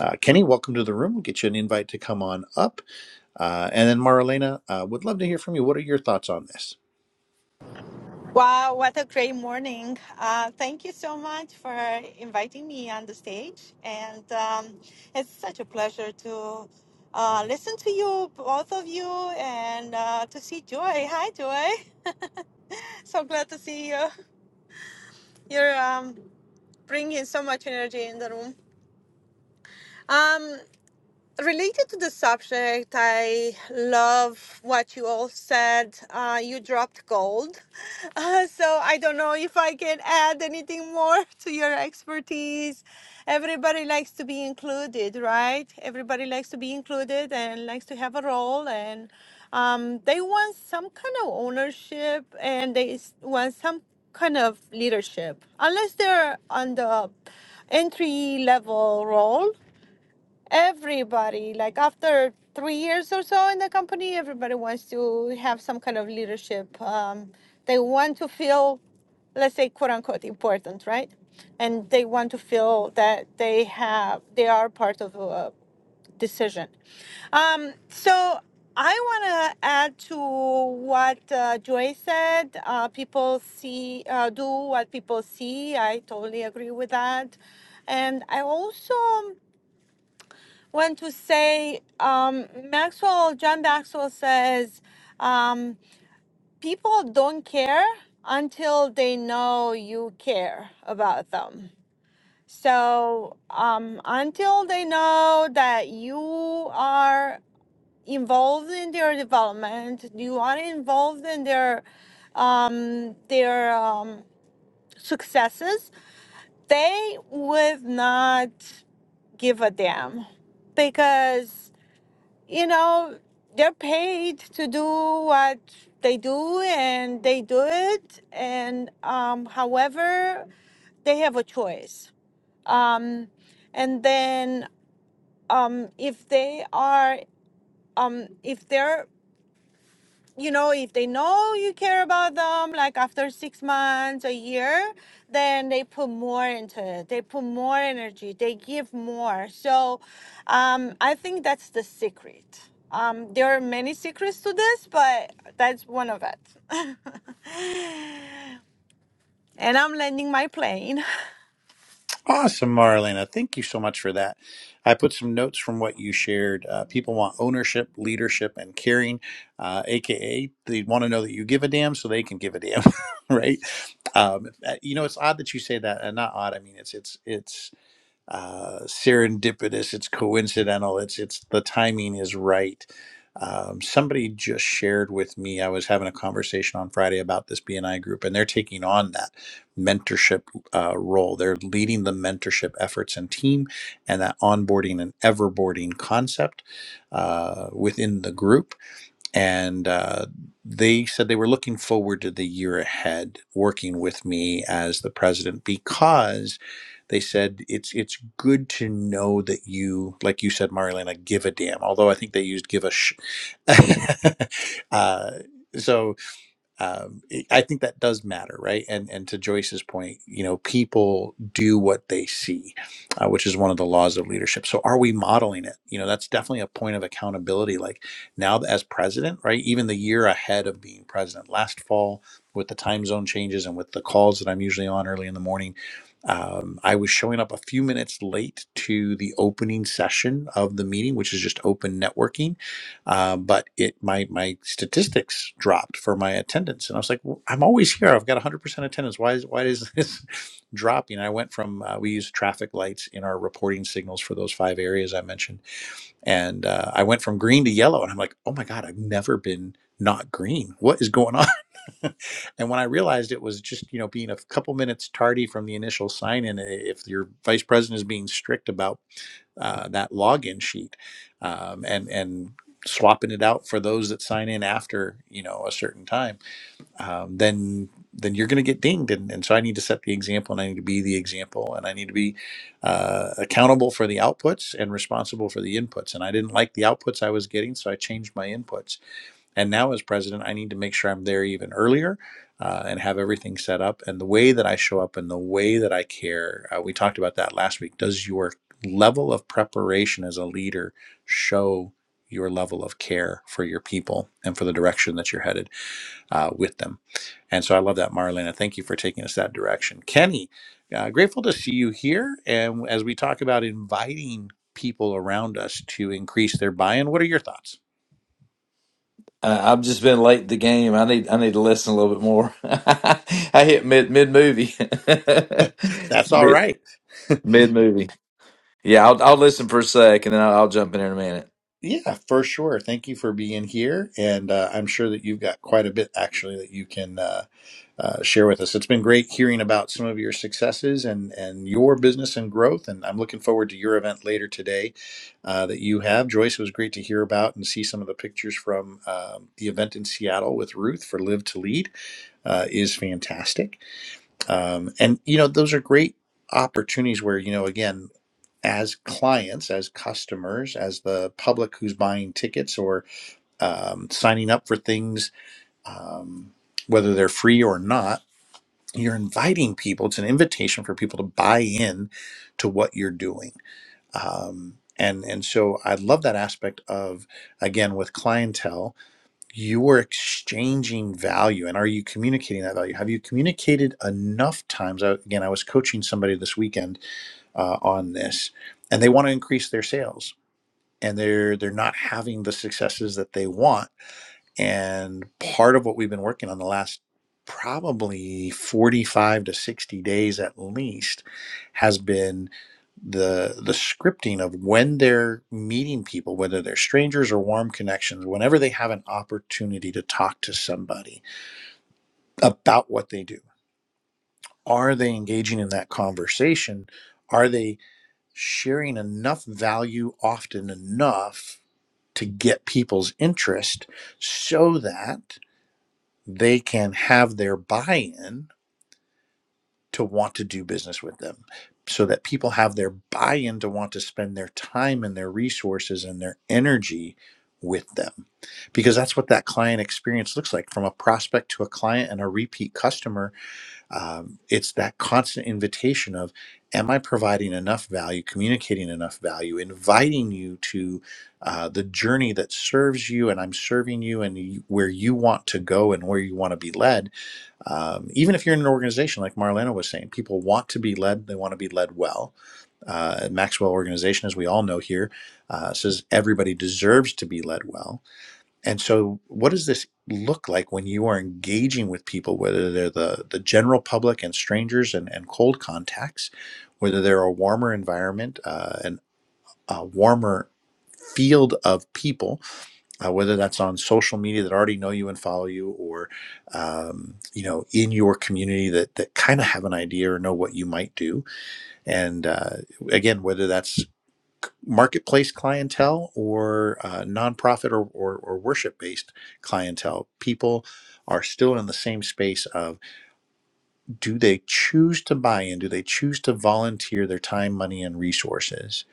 Uh, Kenny, welcome to the room. We'll get you an invite to come on up. Uh, and then Marlena, uh, would love to hear from you. What are your thoughts on this? Wow, what a great morning. Uh, thank you so much for inviting me on the stage. And um, it's such a pleasure to uh, listen to you, both of you, and uh, to see Joy. Hi, Joy. so glad to see you. You're um, bringing so much energy in the room. Um, related to the subject, I love what you all said. Uh, you dropped gold. Uh, so I don't know if I can add anything more to your expertise. Everybody likes to be included, right? Everybody likes to be included and likes to have a role and um, they want some kind of ownership and they s- want some kind of leadership unless they're on the entry level role everybody like after three years or so in the company everybody wants to have some kind of leadership um, they want to feel let's say quote unquote important right and they want to feel that they have they are part of a decision um, so i want to add to what uh, joy said uh, people see uh, do what people see i totally agree with that and i also um, want to say um, Maxwell, John Maxwell says, um, people don't care until they know you care about them. So um, until they know that you are involved in their development, you are involved in their um, their um, successes, they would not give a damn because you know, they're paid to do what they do and they do it. And um, however, they have a choice. Um, and then um, if they are, um, if they're you know, if they know you care about them, like after six months, a year, then they put more into it. They put more energy. They give more. So um, I think that's the secret. Um, there are many secrets to this, but that's one of it. and I'm landing my plane. Awesome, Marlena. Thank you so much for that. I put some notes from what you shared. Uh, people want ownership, leadership, and caring, uh, aka they want to know that you give a damn so they can give a damn, right? Um, uh, you know, it's odd that you say that, and not odd. I mean, it's it's it's uh, serendipitous. It's coincidental. It's it's the timing is right. Um, somebody just shared with me. I was having a conversation on Friday about this BNI group, and they're taking on that mentorship uh, role. They're leading the mentorship efforts and team, and that onboarding and everboarding concept uh, within the group and uh, they said they were looking forward to the year ahead working with me as the president because they said it's it's good to know that you like you said Marilena give a damn although I think they used give a sh uh, so um, it- I think that does matter, right? And and to Joyce's point, you know, people do what they see, uh, which is one of the laws of leadership. So are we modeling it? You know, that's definitely a point of accountability. Like now, as president, right? Even the year ahead of being president, last fall with the time zone changes and with the calls that I'm usually on early in the morning. Um, I was showing up a few minutes late to the opening session of the meeting, which is just open networking uh, but it my my statistics dropped for my attendance, and I was like, well, I'm always here. I've got 100% attendance. Why is why does this drop? You I went from uh, we use traffic lights in our reporting signals for those five areas I mentioned, and uh, I went from green to yellow, and I'm like, oh my god, I've never been not green. What is going on? and when I realized it was just you know being a couple minutes tardy from the initial sign in, if your vice president is being strict about uh, that login sheet um, and and swapping it out for those that sign in after you know a certain time um, then then you're going to get dinged and, and so i need to set the example and i need to be the example and i need to be uh, accountable for the outputs and responsible for the inputs and i didn't like the outputs i was getting so i changed my inputs and now, as president, I need to make sure I'm there even earlier uh, and have everything set up. And the way that I show up and the way that I care, uh, we talked about that last week. Does your level of preparation as a leader show your level of care for your people and for the direction that you're headed uh, with them? And so I love that, Marlena. Thank you for taking us that direction. Kenny, uh, grateful to see you here. And as we talk about inviting people around us to increase their buy in, what are your thoughts? Uh, I've just been late the game. I need I need to listen a little bit more. I hit mid mid movie, That's all mid right. mid movie. Yeah, I'll I'll listen for a sec and then I'll, I'll jump in in a minute. Yeah, for sure. Thank you for being here. And uh, I'm sure that you've got quite a bit actually that you can uh, uh, share with us. It's been great hearing about some of your successes and, and your business and growth. And I'm looking forward to your event later today uh, that you have. Joyce, it was great to hear about and see some of the pictures from um, the event in Seattle with Ruth for Live to Lead uh, is fantastic. Um, and, you know, those are great opportunities where, you know, again, as clients, as customers, as the public who's buying tickets or um, signing up for things, um, whether they're free or not, you're inviting people. It's an invitation for people to buy in to what you're doing. Um, and, and so I love that aspect of, again, with clientele, you are exchanging value. And are you communicating that value? Have you communicated enough times? I, again, I was coaching somebody this weekend uh, on this, and they want to increase their sales and they're they're not having the successes that they want and part of what we've been working on the last probably 45 to 60 days at least has been the the scripting of when they're meeting people whether they're strangers or warm connections whenever they have an opportunity to talk to somebody about what they do are they engaging in that conversation are they sharing enough value often enough to get people's interest so that they can have their buy in to want to do business with them, so that people have their buy in to want to spend their time and their resources and their energy with them. Because that's what that client experience looks like from a prospect to a client and a repeat customer um, it's that constant invitation of am i providing enough value communicating enough value inviting you to uh, the journey that serves you and i'm serving you and you, where you want to go and where you want to be led um, even if you're in an organization like marlena was saying people want to be led they want to be led well uh, maxwell organization as we all know here uh, says everybody deserves to be led well and so, what does this look like when you are engaging with people, whether they're the, the general public and strangers and, and cold contacts, whether they're a warmer environment uh, and a warmer field of people, uh, whether that's on social media that already know you and follow you, or um, you know in your community that that kind of have an idea or know what you might do, and uh, again, whether that's marketplace clientele or uh, nonprofit or, or, or worship based clientele. People are still in the same space of do they choose to buy in? Do they choose to volunteer their time, money, and resources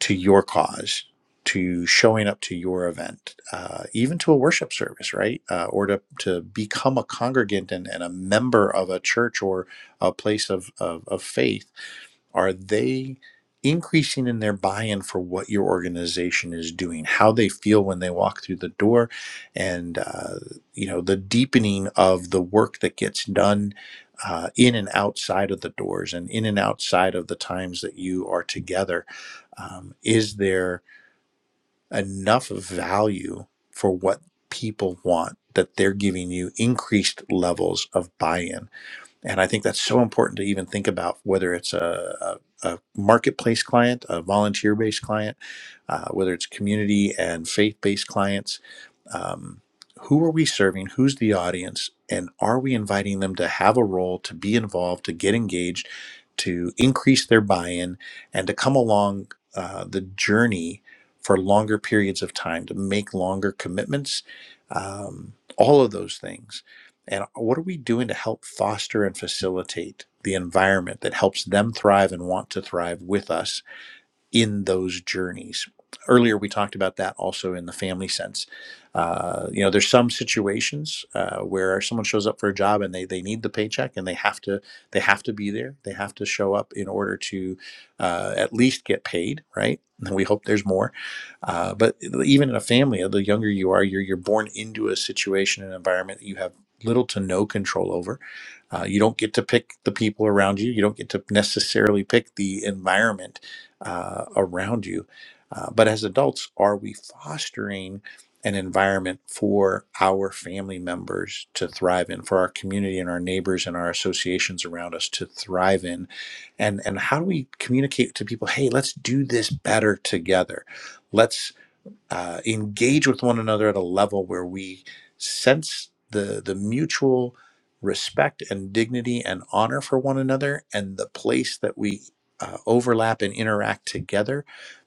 to your cause? To showing up to your event, uh, even to a worship service, right? Uh, or to, to become a congregant and, and a member of a church or a place of, of, of faith are they increasing in their buy in for what your organization is doing, how they feel when they walk through the door, and uh, you know the deepening of the work that gets done? Uh, in and outside of the doors and in and outside of the times that you are together um, is there enough value for what people want that they're giving you increased levels of buy-in and I think that's so important to even think about whether it's a, a, a marketplace client, a volunteer based client uh, whether it's community and faith based clients. Um, who are we serving? Who's the audience? And are we inviting them to have a role, to be involved, to get engaged, to increase their buy in, and to come along uh, the journey for longer periods of time, to make longer commitments? Um, all of those things. And what are we doing to help foster and facilitate the environment that helps them thrive and want to thrive with us in those journeys. Earlier, we talked about that also in the family sense. Uh, you know, there's some situations uh, where someone shows up for a job and they they need the paycheck and they have to they have to be there. They have to show up in order to uh, at least get paid, right? And we hope there's more. Uh, but even in a family, the younger you are, you're you're born into a situation and environment that you have little to no control over uh, you don't get to pick the people around you. You don't get to necessarily pick the environment uh, around you. Uh, but as adults, are we fostering an environment for our family members to thrive in, for our community and our neighbors and our associations around us to thrive in? And, and how do we communicate to people, hey, let's do this better together? uh, engage with one another at a level where we sense the the mutual respect and dignity and honor for one another and the place that we uh, overlap and interact together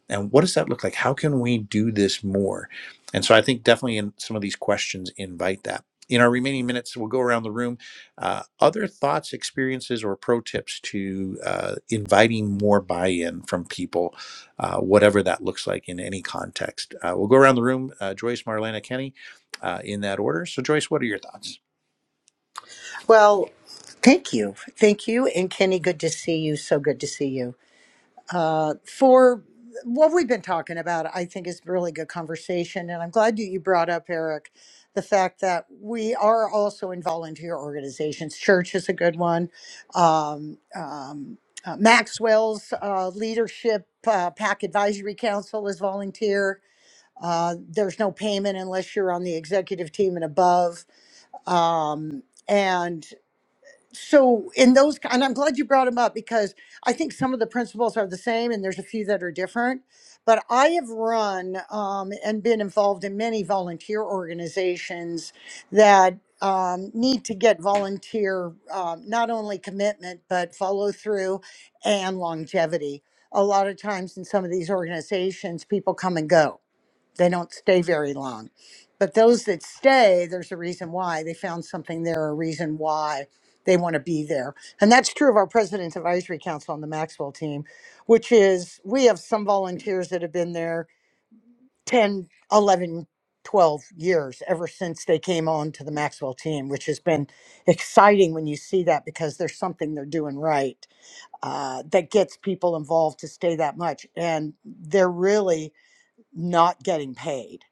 and what does that look like how can we do this more and so i think definitely in some of these questions invite that in our remaining minutes we'll go around the room uh, other thoughts experiences or pro tips to uh, inviting more buy-in from people uh, whatever that looks like in any context. Uh, we'll go around the room, uh, Joyce, Marlena, Kenny, uh, in that order. So, Joyce, what are your thoughts? Well, thank you. Thank you. And Kenny, good to see you. So good to see you. uh, for what we've been talking about, I think is really good conversation. And I'm glad you, you brought up, Eric, the fact that we are also in volunteer organizations. Church is a good one. Um, um, uh, Maxwell's uh, leadership uh, PAC advisory council is volunteer. Uh, there's no payment unless you're on the executive team and above. Um, and so in those and i'm glad you brought them up because i think some of the principles are the same and there's a few that are different but i have run um, and been involved in many volunteer organizations that um, need to get volunteer um, not only commitment but follow through and longevity a lot of times in some of these organizations people come and go they don't stay very long. But those that stay, there's a reason why. They found something there, a reason why they want to be there. And that's true of our President's Advisory Council on the Maxwell team, which is we have some volunteers that have been there 10, 11, 12 years ever since they came on to the Maxwell team, which has been exciting when you see that because there's something they're doing right uh, that gets people involved to stay that much. And they're really not getting paid.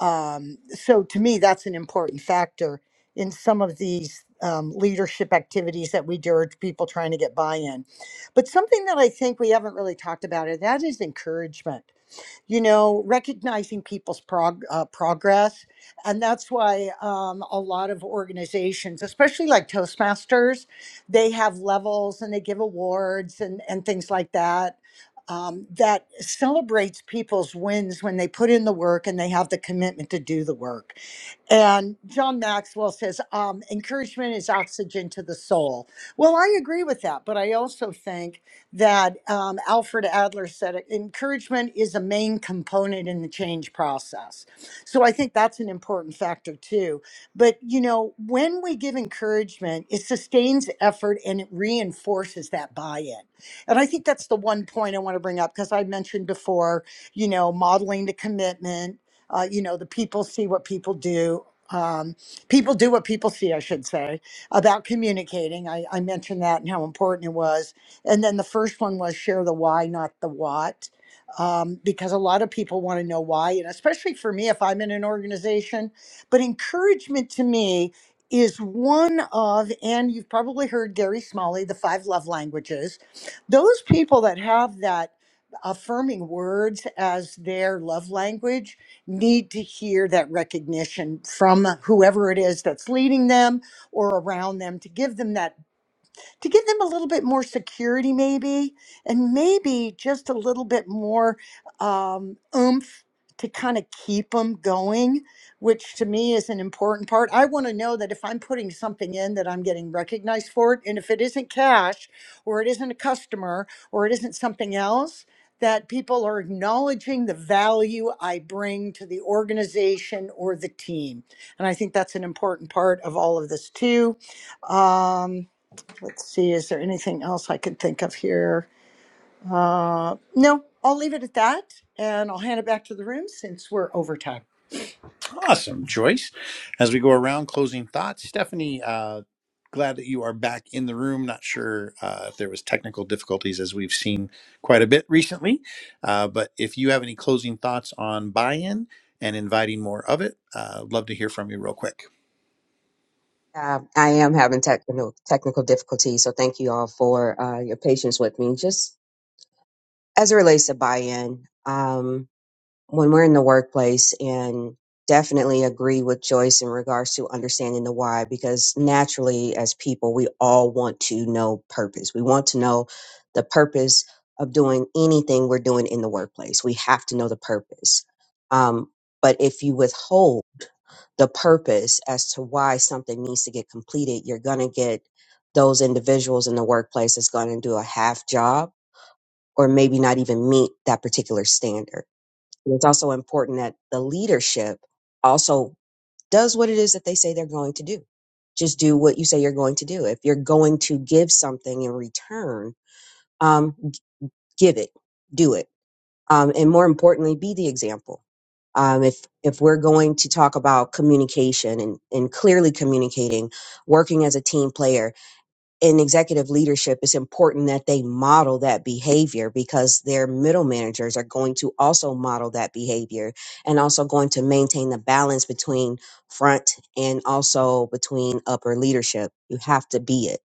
Um, so to me, that's an important factor in some of these um, leadership activities that we do, or people trying to get buy-in. But something that I think we haven't really talked about, and that is encouragement you know, recognizing people's prog- uh, progress. And that's why um, a lot of organizations, especially like Toastmasters, they have levels and they give awards and, and things like that. Um, that celebrates people's wins when they put in the work and they have the commitment to do the work and John Maxwell says, um, encouragement is oxygen to the soul. Well, I agree with that, but I also think that um, Alfred Adler said it, encouragement is a main component in the change process. So I think that's an important factor too. But, you know, when we give encouragement, it sustains effort and it reinforces that buy in. And I think that's the one point I want to bring up because I mentioned before, you know, modeling the commitment uh, you know, the people see what people do. Um, people do what people see, I should say, about communicating. I, I mentioned that and how important it was. And then the first one was share the why, not the what, um, because a lot of people want to know why. And especially for me, if I'm in an organization, but encouragement to me is one of, and you've probably heard Gary Smalley, the five love languages. Those people that have that affirming words as their love language need to hear that recognition from whoever it is that's leading them or around them to give them that to give them a little bit more security, maybe, and maybe just a little bit more um, oomph to kind of keep them going, which to me is an important part. I want to know that if I'm putting something in that I'm getting recognized for it, and if it isn't cash or it isn't a customer or it isn't something else, that people are acknowledging the value I bring to the organization or the team. And I think that's an important part of all of this too. Um, Let's see, is there anything else I could think of here? Uh, no, I'll leave it at that and I'll hand it back to the room since we're over time. Awesome, Joyce. As we go around closing thoughts, Stephanie, uh, glad that you are back in the room. Not sure uh, if there was technical difficulties as we've seen quite a bit recently, uh, but if you have any closing thoughts on buy-in and inviting more of it, uh, love to hear from you real quick. um, i am having technical technical difficulties so thank you all for uh, your patience with me just as it relates to buy-in when we're in the workplace and definitely agree with Joyce in regards to understanding the why because naturally as people we all want to know purpose. We want to know the purpose of doing anything we're doing in the workplace. We have to know the purpose. Um, but if you withhold the purpose as to why something needs to get completed, you're going to get those individuals in the workplace that's going to do a half job or maybe not even meet that particular standard and it's also important that the leadership also does what it is that they say they're going to do. Just do what you say you're going to do. If you're going to give something in return, um, g- give it, do it, um, and more importantly, be the example. Um, if if we're going to talk about communication and, and clearly communicating, working as a team player, in executive leadership, it's important that they model that behavior because their middle managers are going to also model that behavior and also going to maintain the balance between front and also between upper leadership. You have to be it.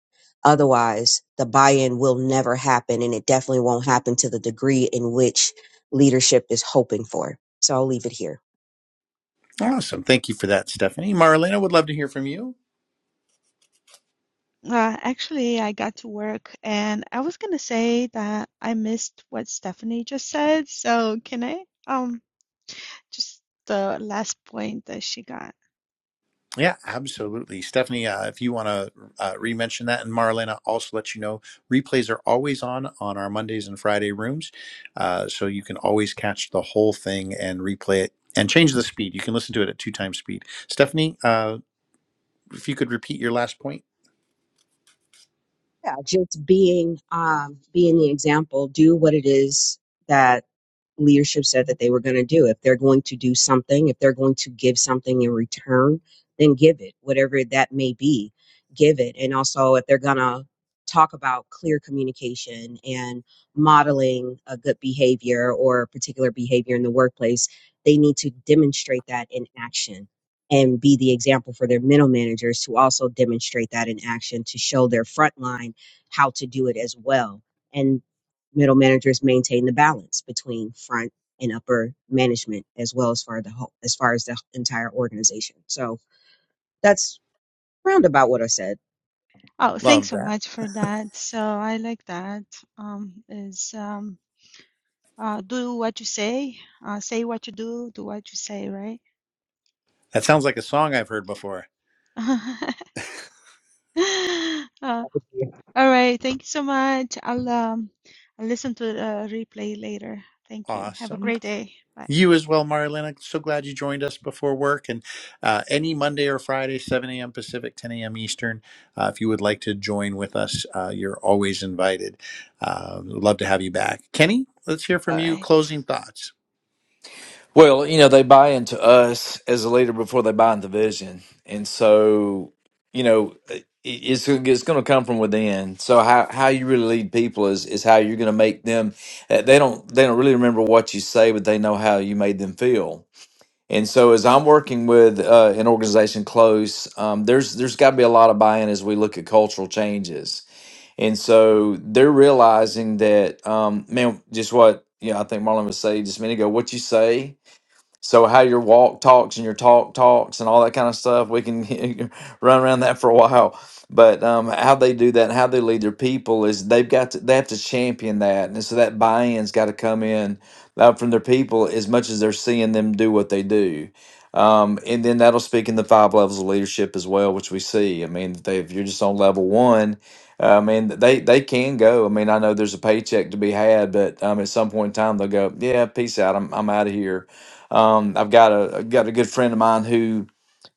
Otherwise, the buy in will never happen and it definitely won't happen to the degree in which leadership is hoping for. So I'll leave it here. Awesome, thank you for that, Stephanie. Marlena would love to hear from you. Uh, actually, I got to work and I was gonna say that I missed what Stephanie just said. So can I? just the last point that she got. Yeah, absolutely. Stephanie, uh, if you want to uh, re-mention that, and Marlene, I'll also let you know replays are always on on our Mondays and Friday rooms. Uh, so you can always catch the whole thing and replay it and change the speed. You can listen to it at two times speed. Stephanie, uh, if you could repeat your last point. Yeah, just being um, being the example, do what it is that leadership said that they were going to do. If they're going to do something, if they're going to give something in return, then give it, whatever that may be, give it. And also, if they're going to talk about clear communication and modeling a good behavior or a particular behavior in the workplace, they need to demonstrate that in action and be the example for their middle managers to also demonstrate that in action to show their frontline how to do it as well And middle managers maintain the balance between front and upper management as well as far the whole, as far as the entire organization. So that's roundabout what I said. Oh, thanks Love so that. much for that. So I like that. Um, is um, uh, do what you say, uh, say what you do, do what you say, right? That sounds like a song I've heard before. uh, all right. Thank you so much. I'll um, I'll listen to the replay later. Thank you. Have a Awesome. great day. Bye. You as well, Marilyn. so glad you joined us before work. And uh, any Monday or Friday, 7 a.m. Pacific, 10 a.m. Eastern, uh, if you would like to join with us, uh, you're always invited. Uh, we'd love to have you back. Kenny, let's hear from All you. right. Closing thoughts. Well, you know they buy into us as a leader before they buy into vision, and so you know it- it's it's going to come from within. So how how you really lead people is is how you're going to make them. uh, They don't they don't really remember what you say, but they know how you made them feel And so, as I'm working with uh, an organization close, um, there's there's got to be a lot of buy-in as we look at cultural changes. And so, they're realizing that, um, man, just what you know, I think Marlon was saying just a minute ago. What you say so how your walk talks and your talk talks and all that kind of stuff, we can run around that for a while. But um, how they do that, and how they lead their people is they've got to, they have to champion that, and so that buy-in's got to come in uh, from their people as much as they're seeing them do what they do. Um, and then that'll speak in the five levels of leadership as well, which we see. I mean, they, if you're just on level one, uh, I mean, they they can go. I mean, I know there's a paycheck to be had, but um, at some point in time, they'll go, yeah, peace out, I'm I'm out of here um, I've got a I've got a good friend of mine who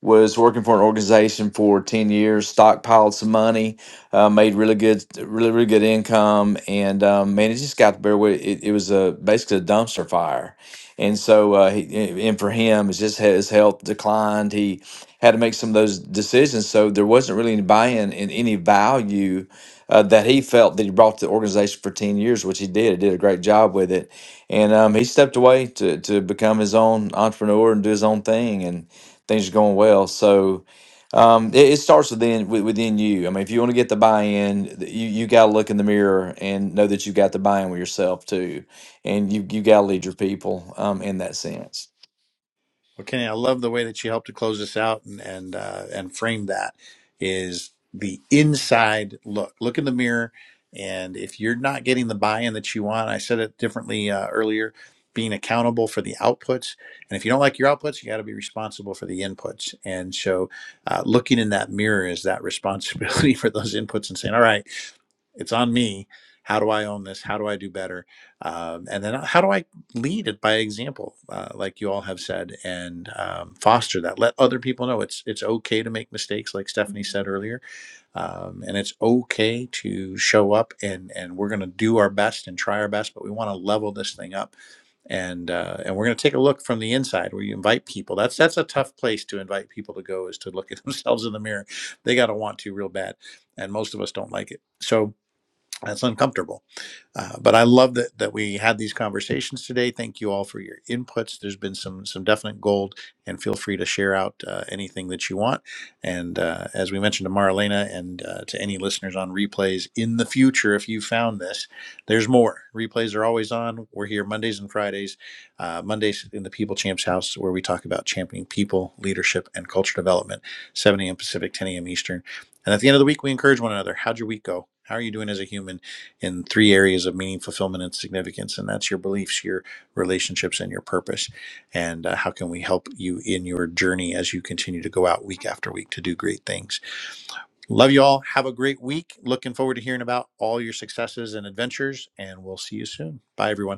was working for an organization for 10 years, stockpiled some money, uh, made really good, really, really good income. And um, man, it just got to bear with it. It was a, basically a dumpster fire. And so, uh, he, and for him, it's just his health declined. He had to make some of those decisions. So there wasn't really any buy-in and any value uh, that he felt that he brought to the organization for 10 years, which he did. He did a great job with it. And um, he stepped away to, to become his own entrepreneur and do his own thing. and things are going well. So um, it, it starts within with- within you. I mean, if you want to get the buy-in, th- you you got to look in the mirror and know that you got the buy-in with yourself too, and you you got to lead your people um, in that sense. Well, Kenny, I love the way that you helped to close this out and and uh, and frame that is the inside look. Look in the mirror, and if you're not getting the buy-in that you want, I said it differently uh, earlier. Being accountable for the outputs, and if you don't like your outputs, you got to be responsible for the inputs. And so, uh, looking in that mirror is that responsibility for those inputs and saying, "All right, it's on me. How do I own this? How do I do better? Um, and then how do I lead it by example, uh, like you all have said, and um, foster that. Let other people know it's it's okay to make mistakes, like Stephanie said earlier, um, and it's okay to show up and and we're going to do our best and try our best, but we want to level this thing up, and uh, and we're going to take a look from the inside where you invite people. That's that's a tough place to invite people to go is to look at themselves in the mirror. They got to want to real bad, and most of us don't like it. So that's uncomfortable. Uh, but I love that that we had these conversations today. Thank you all for your inputs. There's been some some definite gold, and feel free to share out uh, anything that you want. And uh, as we mentioned to Marlena and uh, to any listeners on replays in the future, if you found this, there's more. Replays are always on. We're here Mondays and Fridays. Uh, Mondays in the People Champs House, where we talk about championing people, leadership, and culture development. 7 a.m. Pacific, 10 a.m. Eastern. And at the end of the week, we encourage one another. How'd your week go? How are you doing as a human in three areas of meaning, fulfillment, and significance? And that's your beliefs, your relationships, and your purpose. And uh, how can we help you in your journey as you continue to go out week after week to do great things? Love you all. Have a great week. Looking forward to hearing about all your successes and adventures. And we'll see you soon. Bye, everyone.